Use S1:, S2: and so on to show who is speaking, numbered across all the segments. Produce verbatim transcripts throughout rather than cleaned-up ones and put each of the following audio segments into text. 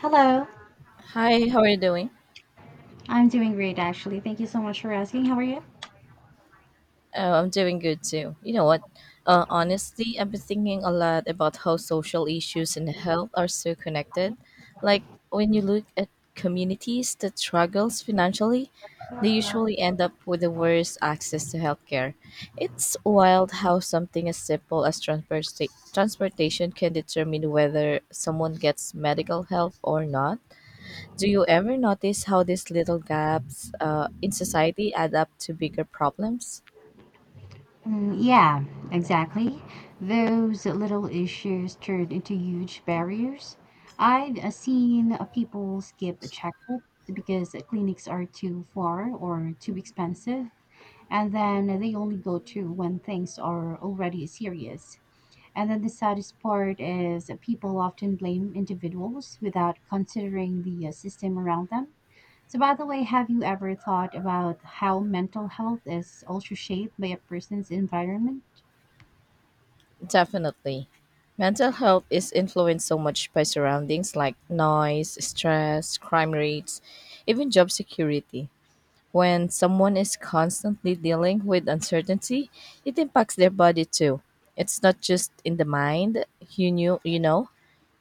S1: Hello.
S2: Hi, how are you doing?
S1: I'm doing great, actually. Thank you so much for asking. How are you?
S2: Oh, I'm doing good too. You know what? Uh, honestly, I've been thinking a lot about how social issues and health are so connected. Like when you look at communities that struggles financially, they usually end up with the worst access to healthcare. It's wild how something as simple as transporta- transportation can determine whether someone gets medical help or not. Do you ever notice how these little gaps uh, in society add up to bigger problems?
S1: Mm, yeah, exactly. Those little issues turned into huge barriers. I've uh, seen uh, people skip checkups because clinics are too far or too expensive, and then they only go to when things are already serious. And then the saddest part is that people often blame individuals without considering the uh, system around them. So, by the way, have you ever thought about how mental health is also shaped by a person's environment?
S2: Definitely. Mental health is influenced so much by surroundings like noise, stress, crime rates, even job security. When someone is constantly dealing with uncertainty, it impacts their body too. It's not just in the mind. You knew, you know.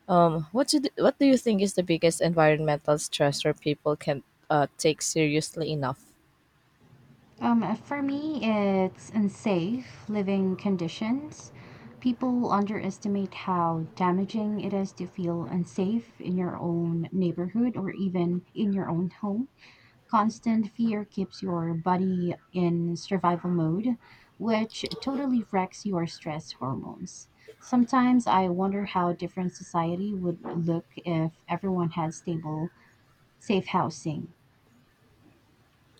S2: Um, what do what do you think is the biggest environmental stressor people can uh, take seriously enough?
S1: Um, for me, it's unsafe living conditions. People underestimate how damaging it is to feel unsafe in your own neighborhood or even in your own home. Constant fear keeps your body in survival mode, which totally wrecks your stress hormones. Sometimes I wonder how different society would look if everyone had stable, safe housing.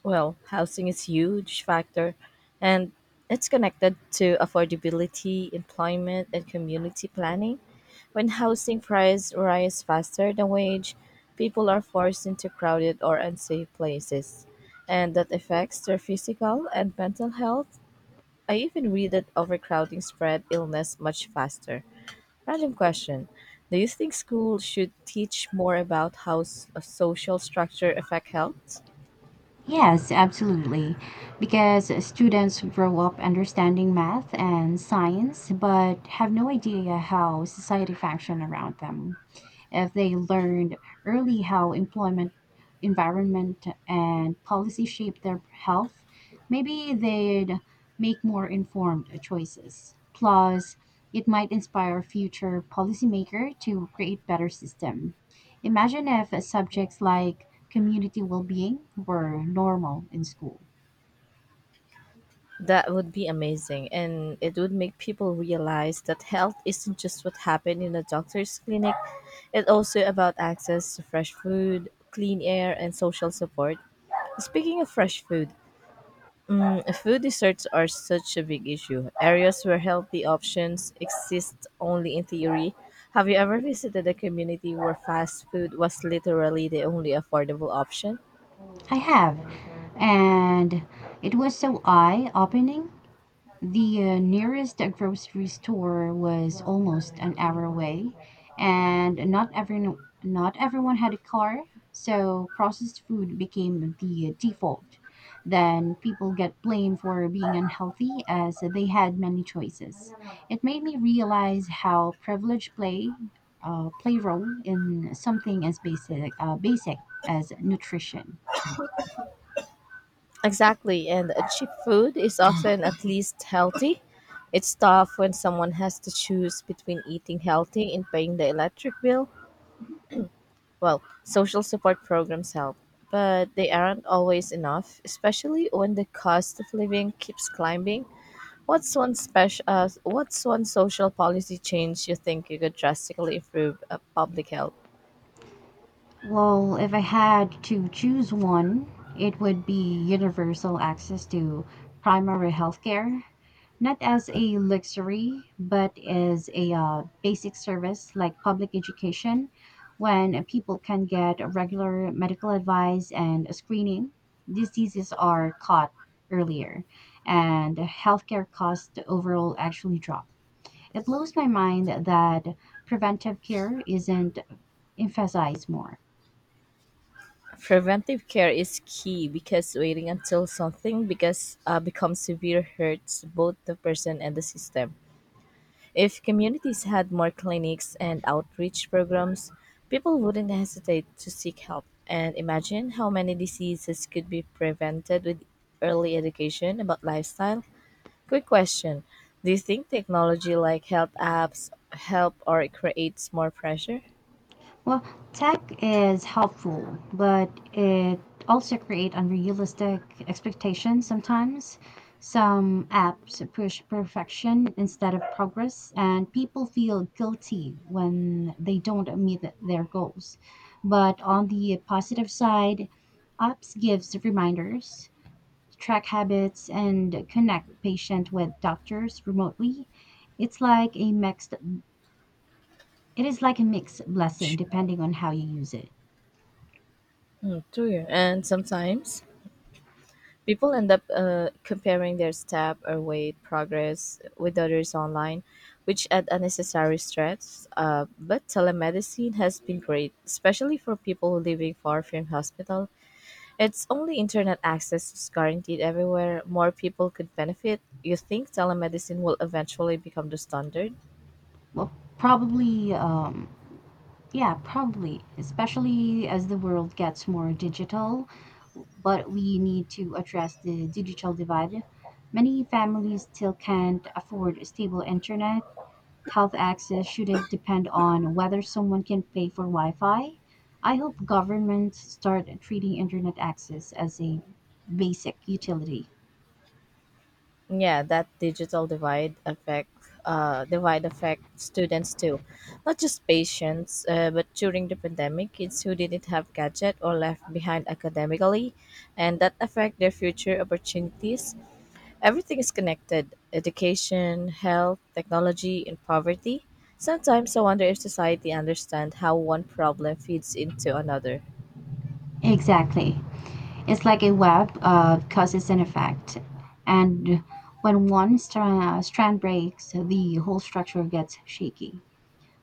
S2: Well, housing is huge factor and it's connected to affordability, employment and community planning. When housing price rise faster than wage, people are forced into crowded or unsafe places and that affects their physical and mental health. I even read that overcrowding spread illness much faster. Random question. Do you think schools should teach more about how s- a social structure affect health?
S1: Yes, absolutely. Because students grow up understanding math and science, but have no idea how society functions around them. If they learned early how employment, environment, and policy shape their health, maybe they'd make more informed choices. Plus, it might inspire future policymaker to create better system. Imagine if subjects like community well-being were normal in school.
S2: That would be amazing, and it would make people realize that health isn't just what happened in a doctor's clinic, it's also about access to fresh food, clean air, and social support. Speaking of fresh food, mm, food deserts are such a big issue. Areas where healthy options exist only in theory. Have you ever visited a community where fast food was literally the only affordable option?
S1: I have, and it was so eye-opening. The uh, nearest grocery store was almost an hour away, and not every not everyone had a car, so processed food became the default. Then people get blamed for being unhealthy as they had many choices. It made me realize how privilege play, uh, play role in something as basic uh, basic as nutrition.
S2: Exactly, and uh, cheap food is often at least healthy. It's tough when someone has to choose between eating healthy and paying the electric bill. Well, social support programs help, but they aren't always enough, especially when the cost of living keeps climbing. What's one special? Uh, what's one social policy change you think you could drastically improve uh, public health?
S1: Well, if I had to choose one, it would be universal access to primary healthcare, not as a luxury, but as a uh, basic service like public education, when people can get regular medical advice and screening. Diseases are caught earlier, and healthcare costs overall actually drop. It blows my mind that preventive care isn't emphasized more.
S2: Preventive care is key because waiting until something because uh, becomes severe hurts both the person and the system. If communities had more clinics and outreach programs, people wouldn't hesitate to seek help. And imagine how many diseases could be prevented with early education about lifestyle. Quick question: do you think technology like health apps help or creates more pressure?
S1: Well, tech is helpful, but it also creates unrealistic expectations sometimes. Some apps push perfection instead of progress, and people feel guilty when they don't meet their goals. But on the positive side, apps gives reminders, track habits, and connect patient with doctors remotely. It's like a mixed it is like a mixed blessing depending on how you use it.
S2: True, and sometimes people end up uh, comparing their step or weight progress with others online, which add unnecessary stress. Uh, but telemedicine has been great, especially for people living far from hospital. It's only internet access is guaranteed everywhere. More people could benefit. You think telemedicine will eventually become the standard?
S1: Well, probably, um, yeah, probably, especially as the world gets more digital. But we need to address the digital divide. Many families still can't afford stable internet. Health access shouldn't depend on whether someone can pay for Wi Fi. I hope governments start treating internet access as a basic utility.
S2: Yeah, that digital divide affect uh, divide affect students too, not just patients, uh, but during the pandemic, kids who didn't have gadget or left behind academically, and that affect their future opportunities. Everything is connected: education, health, technology, and poverty. Sometimes I wonder if society understands how one problem feeds into another.
S1: Exactly. It's like a web of causes and effect. And when one stra- strand breaks, the whole structure gets shaky.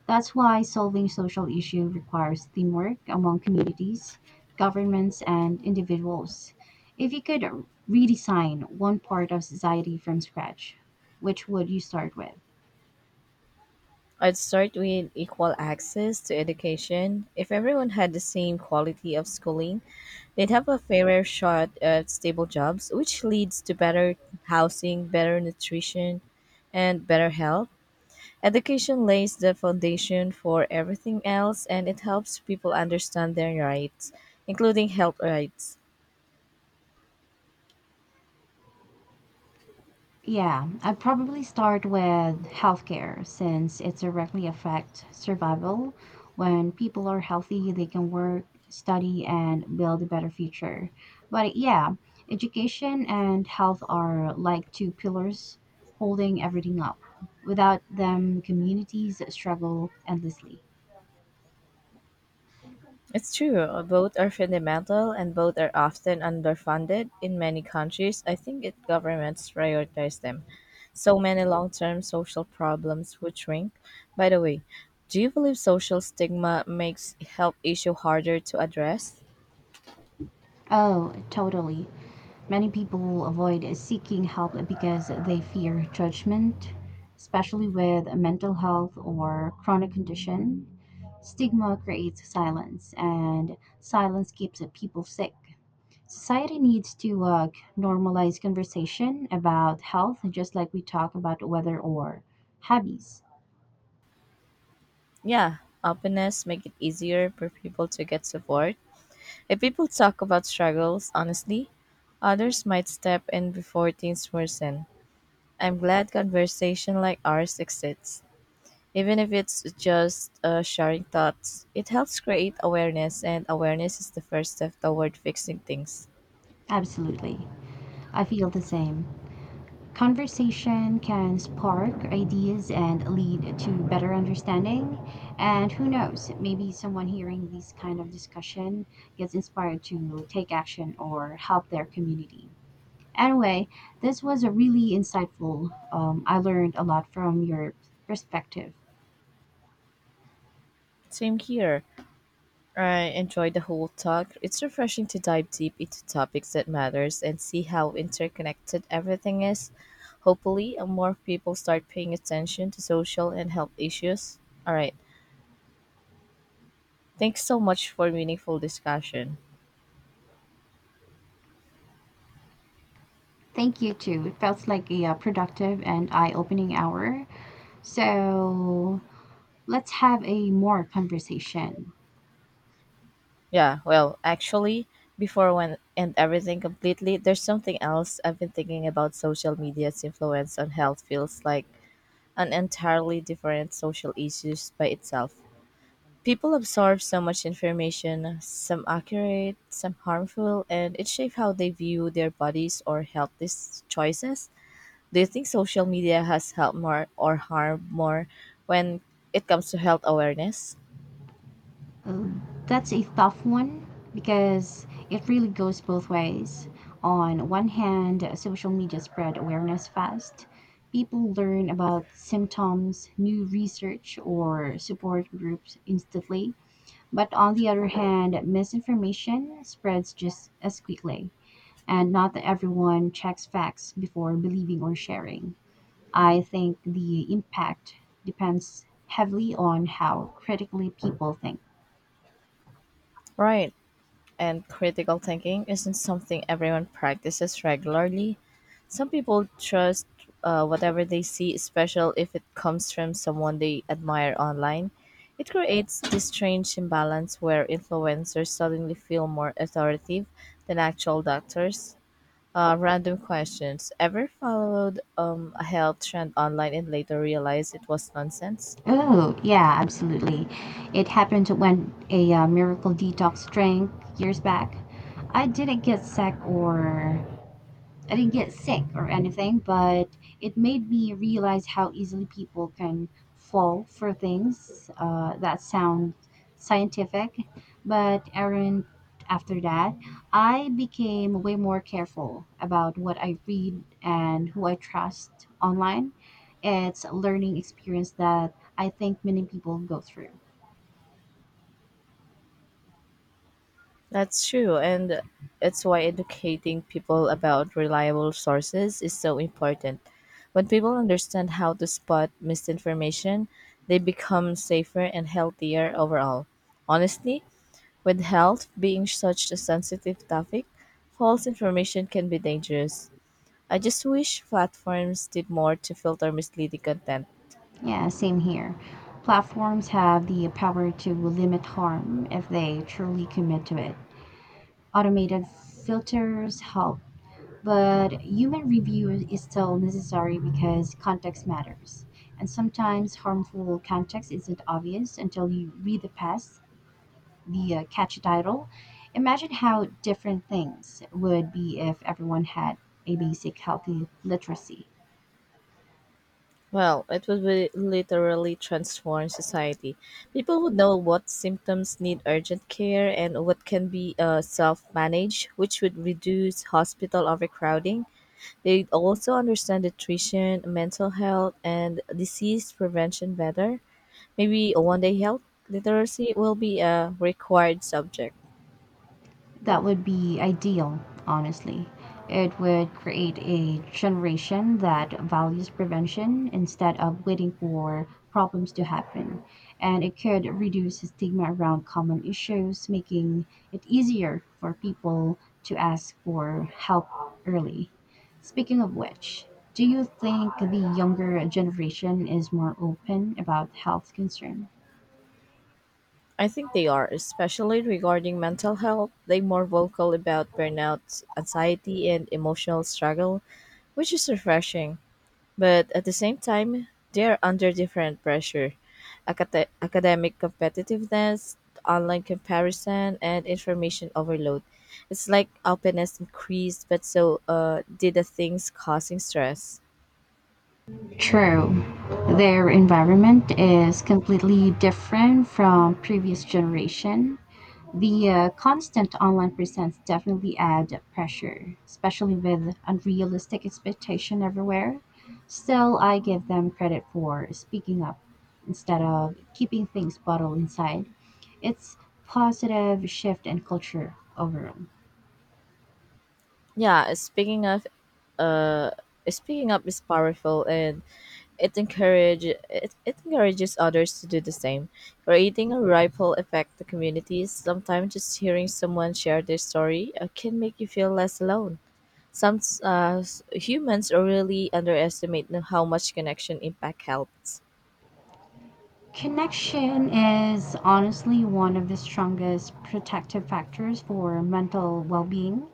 S1: That's why solving social issue requires teamwork among communities, governments, and individuals. If you could redesign one part of society from scratch, which would you start with?
S2: I'd start with equal access to education. If everyone had the same quality of schooling, they'd have a fairer shot at stable jobs, which leads to better housing, better nutrition, and better health. Education lays the foundation for everything else and it helps people understand their rights, including health rights.
S1: Yeah, I'd probably start with healthcare since it directly affects survival. When people are healthy, they can work, study, and build a better future. But yeah, education and health are like two pillars holding everything up. Without them, communities struggle endlessly.
S2: It's true, uh, both are fundamental and both are often underfunded. In many countries, I think it governments prioritize them. So many long term social problems would shrink. By the way, do you believe social stigma makes health issue harder to address?
S1: Oh, totally. Many people avoid seeking help because they fear judgment, especially with mental health or chronic condition. Stigma creates silence, and silence keeps people sick. Society needs to uh, normalize conversation about health, just like we talk about weather or hobbies.
S2: Yeah, openness make it easier for people to get support. If people talk about struggles honestly, others might step in before things worsen. I'm glad conversation like ours exists. Even if it's just uh, sharing thoughts, it helps create awareness, and awareness is the first step toward fixing things.
S1: Absolutely. I feel the same. Conversation can spark ideas and lead to better understanding. And who knows, maybe someone hearing this kind of discussion gets inspired to take action or help their community. Anyway, this was a really insightful. Um, I learned a lot from your perspective.
S2: Same here. I enjoyed the whole talk. It's refreshing to dive deep into topics that matters and see how interconnected everything is. Hopefully, uh, more people start paying attention to social and health issues. All right. Thanks so much for meaningful discussion.
S1: Thank you too. It felt like a uh, productive and eye opening hour. So let's have a more conversation.
S2: Yeah, well, actually, before when and everything completely, there's something else I've been thinking about social media's influence on health feels like an entirely different social issues by itself. People absorb so much information, some accurate, some harmful, and it shapes how they view their bodies or healthy s- choices. Do you think social media has helped more or harmed more when it comes to health awareness?
S1: Um, that's a tough one because it really goes both ways. On one hand, social media spread awareness fast. People learn about symptoms, new research, or support groups instantly. But on the other hand, misinformation spreads just as quickly, and not everyone checks facts before believing or sharing. I think the impact depends heavily on how critically people think.
S2: Right. And critical thinking isn't something everyone practices regularly. Some people trust uh, whatever they see, especially if it comes from someone they admire online. It creates this strange imbalance where influencers suddenly feel more authoritative than actual doctors. Uh, random questions. Ever followed um, a health trend online and later realized it was nonsense?
S1: Oh, yeah, absolutely. It happened when a uh, miracle detox drank years back. I didn't get sick or I didn't get sick or anything, but it made me realize how easily people can fall for things uh, that sound scientific, but aren't. After that, I became way more careful about what I read and who I trust online. It's a learning experience that I think many people go through.
S2: That's true, and it's why educating people about reliable sources is so important. When people understand how to spot misinformation, they become safer and healthier overall. Honestly, with health being such a sensitive topic, false information can be dangerous. I just wish platforms did more to filter misleading content.
S1: Yeah, same here. Platforms have the power to limit harm if they truly commit to it. Automated filters help, but human review is still necessary because context matters. And sometimes harmful context isn't obvious until you read the past, the uh, catchy title. Imagine how different things would be if everyone had a basic healthy literacy.
S2: Well, it would be literally transform society. People would know what symptoms need urgent care and what can be uh, self-managed, which would reduce hospital overcrowding. They'd also understand nutrition, mental health, and disease prevention better. Maybe one day health literacy will be a required subject.
S1: That would be ideal, honestly. It would create a generation that values prevention instead of waiting for problems to happen. And it could reduce stigma around common issues, making it easier for people to ask for help early. Speaking of which, do you think the younger generation is more open about health concerns?
S2: I think they are, especially regarding mental health. They're more vocal about burnout, anxiety, and emotional struggle, which is refreshing. But at the same time, they are under different pressure, Acad- academic competitiveness, online comparison, and information overload. It's like openness increased, but so uh, did the things causing stress.
S1: True. Their environment is completely different from previous generation. The uh, constant online presence definitely add pressure, especially with unrealistic expectation everywhere. Still, I give them credit for speaking up instead of keeping things bottled inside. It's positive shift in culture overall.
S2: Yeah, speaking of uh, speaking up is powerful, and it encourage it, it encourages others to do the same, creating a ripple effect to communities. Sometimes just hearing someone share their story uh, can make you feel less alone. Some uh, humans really underestimate how much connection impact helps.
S1: Connection is honestly one of the strongest protective factors for mental well being.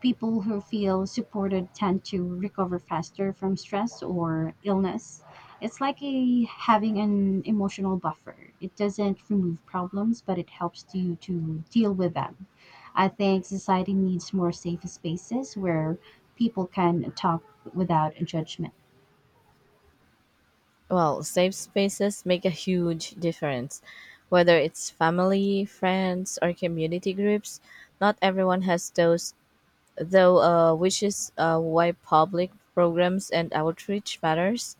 S1: People who feel supported tend to recover faster from stress or illness. It's like a, having an emotional buffer. It doesn't remove problems, but it helps you to deal with them. I think society needs more safe spaces where people can talk without judgment.
S2: Well, safe spaces make a huge difference. Whether it's family, friends, or community groups, not everyone has those, though, uh, which is uh, why public programs and outreach matters.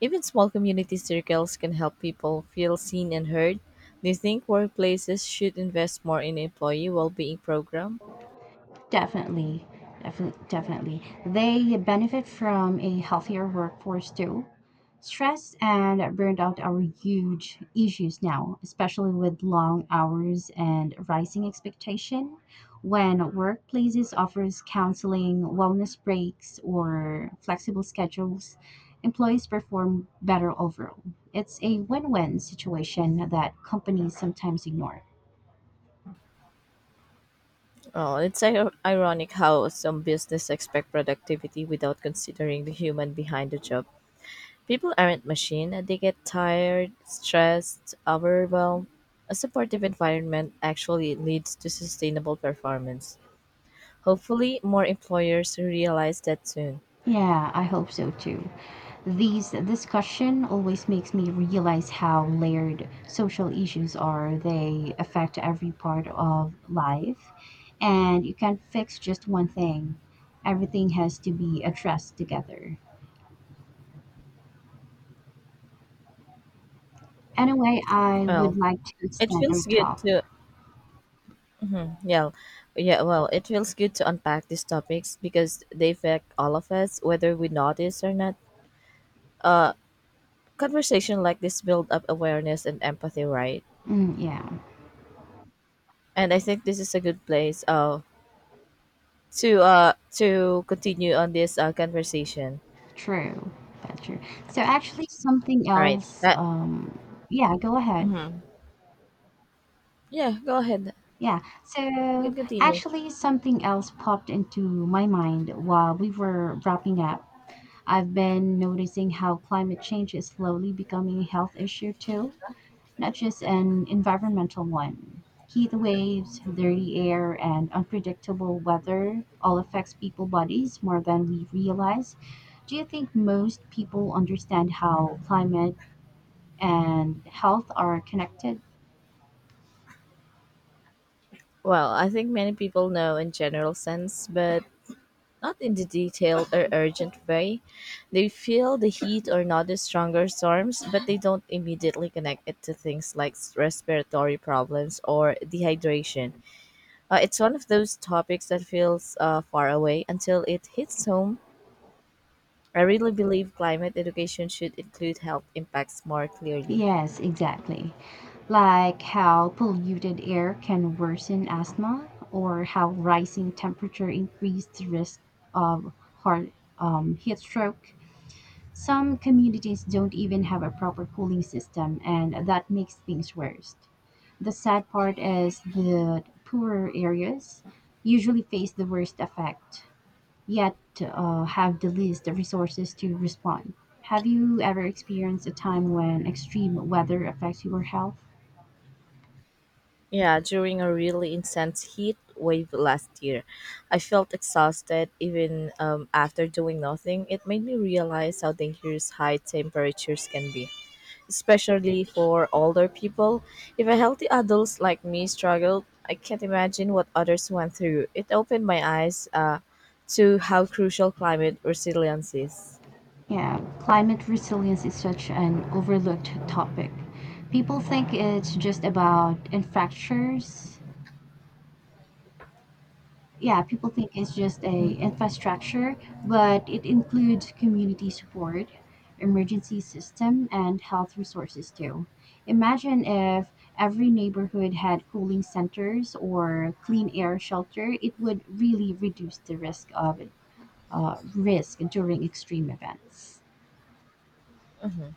S2: Even small community circles can help people feel seen and heard. Do you think workplaces should invest more in employee well-being program?
S1: Definitely, definitely, definitely. They benefit from a healthier workforce too. Stress and burnout are huge issues now, especially with long hours and rising expectation. When workplaces offers counseling, wellness breaks, or flexible schedules, employees perform better overall. It's a win-win situation that companies sometimes ignore.
S2: Oh, it's ir- ironic how some business expect productivity without considering the human behind the job. People aren't machine; and they get tired, stressed, overwhelmed. A supportive environment actually leads to sustainable performance. Hopefully, more employers realize that soon.
S1: Yeah, I hope so too. These discussion always makes me realize how layered social issues are. They affect every part of life, and you can't fix just one thing. Everything has to be addressed together. Anyway, I would
S2: Well,
S1: like to
S2: it
S1: extend our
S2: feels good
S1: talk.
S2: to yeah, yeah. Well, it feels good to unpack these topics because they affect all of us, whether we notice or not. Uh, Conversation like this build up awareness and empathy, right?
S1: Mm, yeah,
S2: And I think this is a good place uh, to uh, to continue on this uh, conversation.
S1: true. That's true. So actually, something
S2: All right.
S1: else.
S2: That,
S1: Um, yeah, go ahead.
S2: mhm. Yeah, go ahead.
S1: Yeah.
S2: You can
S1: So
S2: continue.
S1: actually, something else popped into my mind while we were wrapping up. I've been noticing how climate change is slowly becoming a health issue too, not just an environmental one. Heat waves, dirty air, and unpredictable weather all affects people bodies more than we realize. Do you think most people understand how climate and health are connected?
S2: Well, I think many people know in general sense, but not in the detailed or urgent way. They feel the heat or notice stronger storms, but they don't immediately connect it to things like respiratory problems or dehydration. Uh, it's one of those topics that feels uh, far away until it hits home. I really believe climate education should include health impacts more clearly.
S1: Yes, exactly. Like how polluted air can worsen asthma, or how rising temperature increased risk of heart um, heat stroke. Some communities don't even have a proper cooling system, and that makes things worse. The sad part is the poorer areas usually face the worst effect, yet uh, have the least resources to respond. Have you ever experienced a time when extreme weather affects your health?
S2: Yeah, during a really intense heat wave last year, I felt exhausted even um, after doing nothing. It made me realize how dangerous high temperatures can be, especially for older people. If a healthy adults like me struggled, I can't imagine what others went through. It opened my eyes uh, to how crucial climate resilience is.
S1: Yeah, climate resilience is such an overlooked topic. People think it's just about infrastructures, yeah, people think it's just a infrastructure, but it includes community support, emergency system, and health resources too. Imagine if every neighborhood had cooling centers or clean air shelter, it would really reduce the risk of uh, risk during extreme events.
S2: Mm-hmm.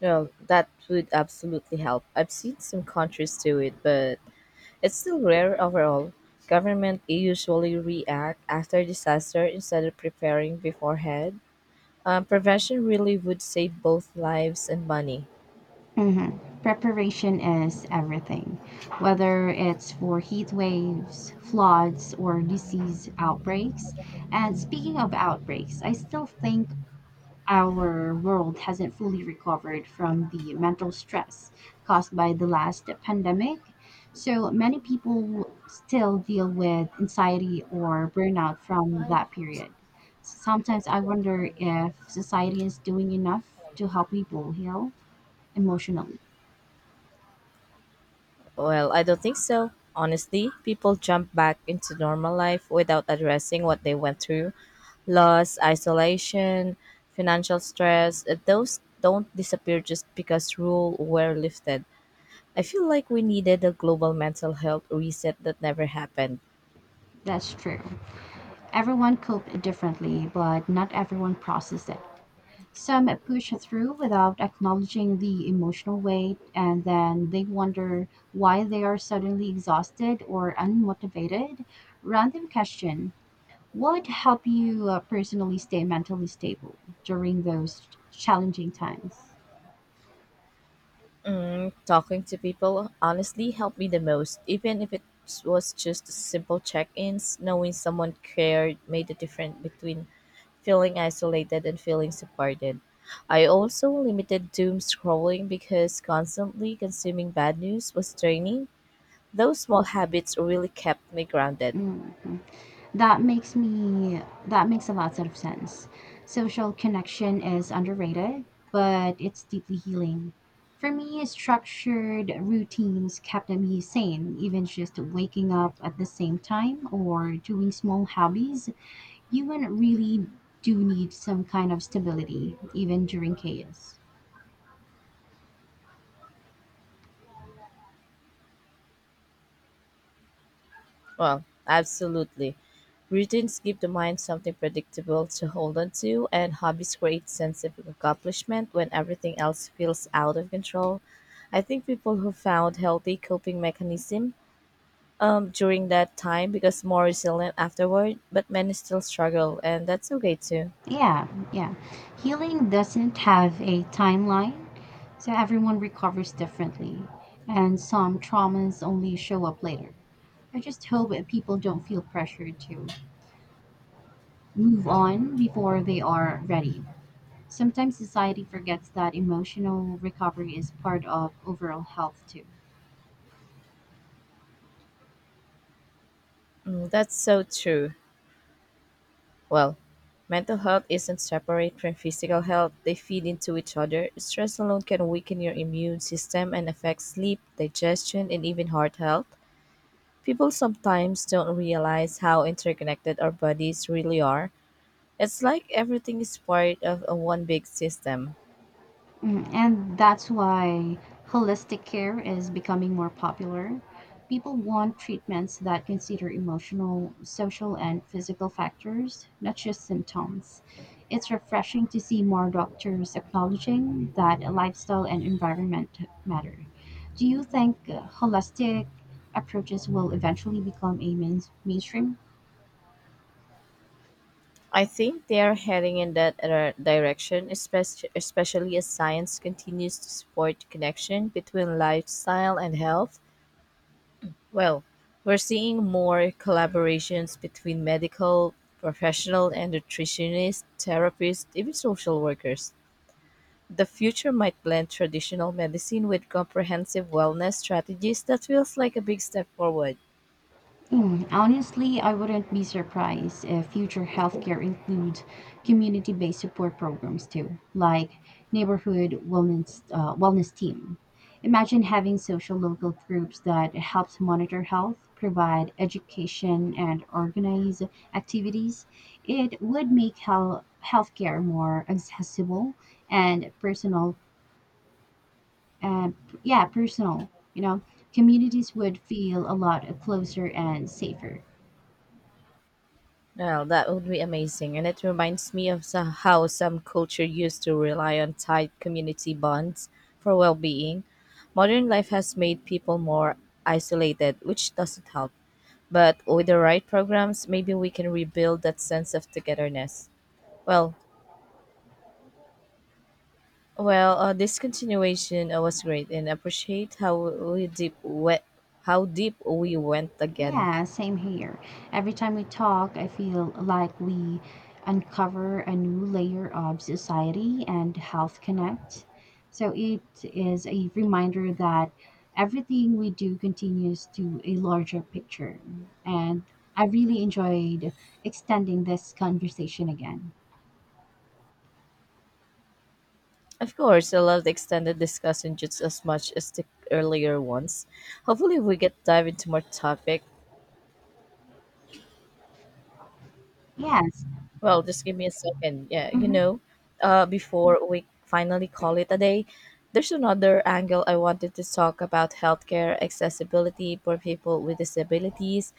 S2: Well, that would absolutely help. I've seen some countries do it, but it's still rare overall. Government usually react after disaster instead of preparing beforehand. Um, prevention really would save both lives and money.
S1: Mhm. Preparation is everything, whether it's for heat waves, floods, or disease outbreaks. And speaking of outbreaks, I still think our world hasn't fully recovered from the mental stress caused by the last pandemic. So many people still deal with anxiety or burnout from that period. Sometimes I wonder if society is doing enough to help people heal emotionally.
S2: Well, I don't think so. Honestly, people jump back into normal life without addressing what they went through loss, isolation, financial stress. uh, Those don't disappear just because rules were lifted. I feel like we needed a global mental health reset that never happened.
S1: That's true. Everyone coped differently, but not everyone processed it. Some push through without acknowledging the emotional weight, and then they wonder why they are suddenly exhausted or unmotivated. Random question: what would help you uh, personally stay mentally stable during those challenging times?
S2: Mm, talking to people honestly helped me the most, even if it was just simple check ins. Knowing someone cared made a difference between feeling isolated and feeling supported. I also limited doom scrolling because constantly consuming bad news was draining. Those small habits really kept me grounded.
S1: Mhm. That makes me that makes a lot of sense. Social connection is underrated, but it's deeply healing. For me, structured routines kept me sane, even just waking up at the same time or doing small hobbies. You wouldn't really do need some kind of stability, even during chaos.
S2: Well, absolutely. Routines give the mind something predictable to hold on to, and hobbies create sense of accomplishment when everything else feels out of control. I think people who found healthy coping mechanism um, during that time because more resilient afterward, but many still struggle, and that's okay too.
S1: Yeah, yeah. Healing doesn't have a timeline, so everyone recovers differently, and some traumas only show up later. I just hope that people don't feel pressured to move on before they are ready. Sometimes society forgets that emotional recovery is part of overall health, too.
S2: Mm, that's so true. Well, mental health isn't separate from physical health, they feed into each other. Stress alone can weaken your immune system and affect sleep, digestion, and even heart health. People sometimes don't realize how interconnected our bodies really are. It's like everything is part of a one big system.
S1: Mm, and that's why holistic care is becoming more popular. People want treatments that consider emotional, social, and physical factors, not just symptoms. It's refreshing to see more doctors acknowledging that lifestyle and environment matter. Do you think uh, holistic approaches will eventually become a main- mainstream?
S2: I think they are heading in that dir- direction, espec- especially as science continues to support the connection between lifestyle and health. Well, we're seeing more collaborations between medical professionals and nutritionists, therapists, even social workers. The future might blend traditional medicine with comprehensive wellness strategies. That feels like a big step forward.
S1: Mm, honestly, I wouldn't be surprised if future healthcare includes community based support programs too, like neighborhood wellness, uh, wellness team. Imagine having social local groups that helps monitor health, provide education, and organize activities. It would make health, healthcare more accessible and personal, and yeah, personal. You know, communities would feel a lot closer and safer.
S2: Well, that would be amazing. And it reminds me of so- how some culture used to rely on tight community bonds for well being. Modern life has made people more isolated, which doesn't help. But with the right programs, maybe we can rebuild that sense of togetherness. Well, well, uh, this continuation uh, was great, and appreciate how we deep we- how deep we went again.
S1: Yeah, same here. Every time we talk, I feel like we uncover a new layer of society and health connect. So it is a reminder that everything we do continues to a larger picture. And I really enjoyed extending this conversation again.
S2: Of course, I love the extended discussion just as much as the earlier ones. Hopefully, we get dive into more topic.
S1: Yes.
S2: Well, just give me a second. Yeah, you
S1: Mhm.
S2: know, uh, before we finally call it a day, there's another angle I wanted to talk about healthcare accessibility for people with disabilities.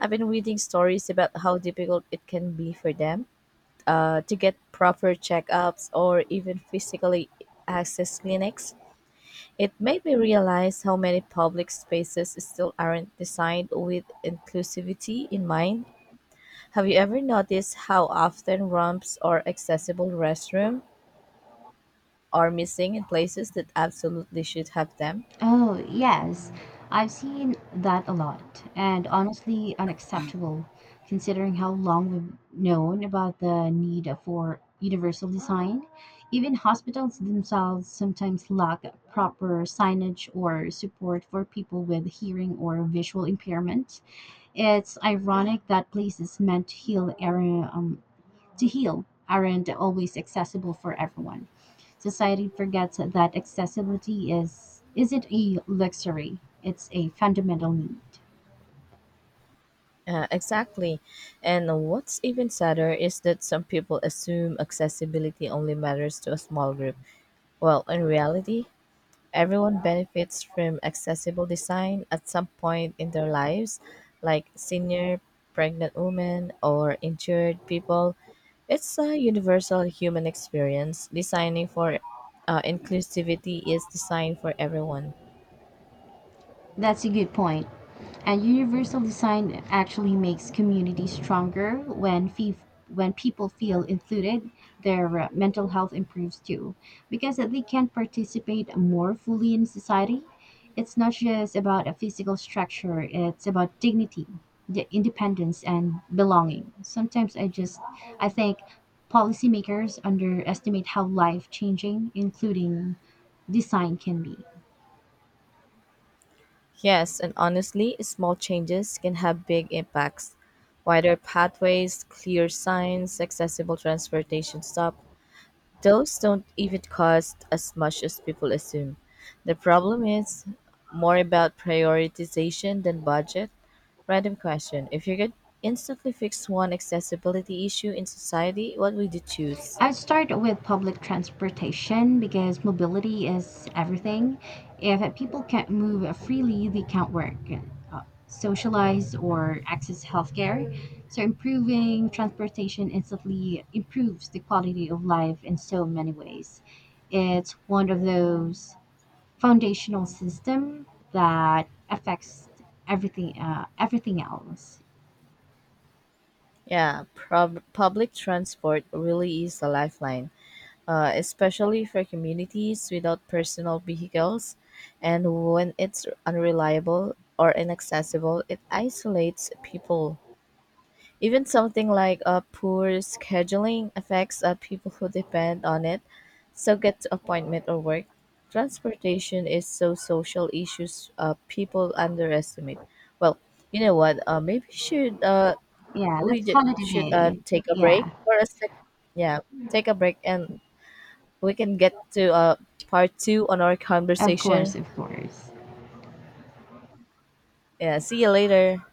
S2: I've been reading stories about how difficult it can be for them uh, to get proper checkups or even physically access clinics. It made me realize how many public spaces still aren't designed with inclusivity in mind. Have you ever noticed how often ramps or accessible restrooms are missing in places that absolutely should have them?
S1: Oh, yes. I've seen that a lot, and honestly unacceptable, considering how long we've known about the need for universal design. Even hospitals themselves sometimes lack proper signage or support for people with hearing or visual impairment. It's ironic that places meant to heal area, um, to heal aren't always accessible for everyone. Society forgets that accessibility is isn't a luxury, it's a fundamental need.
S2: Uh, exactly. And what's even sadder is that some people assume accessibility only matters to a small group. Well, in reality, everyone benefits from accessible design at some point in their lives, like senior, pregnant women, or injured people. It's a universal human experience. Designing for uh, inclusivity is designed for everyone.
S1: That's a good point. And universal design actually makes communities stronger when fee- when people feel included, their uh, mental health improves too, because they can participate more fully in society. It's not just about a physical structure; it's about dignity, the independence, and belonging. Sometimes I just I think policymakers underestimate how life changing, including design, can be.
S2: Yes, and honestly, small changes can have big impacts. Wider pathways, clear signs, accessible transportation stop. Those don't even cost as much as people assume. The problem is more about prioritization than budget. Random question. If you could instantly fix one accessibility issue in society, what would you choose?
S1: I'd start with public transportation because mobility is everything. If people can't move freely, they can't work, uh, socialize, or access healthcare. So, improving transportation instantly improves the quality of life in so many ways. It's one of those foundational systems that affects everything, uh, everything else.
S2: Yeah, prob- public transport really is a lifeline, uh, especially for communities without personal vehicles. And when it's unreliable or inaccessible, it isolates people. Even something like uh, poor scheduling affects uh, people who depend on it, so get to appointment or work. Transportation is so social issues uh, people underestimate. Well, you know what? Uh, maybe should uh,
S1: Yeah,
S2: we
S1: let's
S2: ju-
S1: call it
S2: should uh,
S1: a day.
S2: take a break
S1: Yeah,
S2: for a sec. Yeah, take a break and we can get to uh, part two on our
S1: of course,
S2: conversation.
S1: of course.
S2: Yeah, see you later.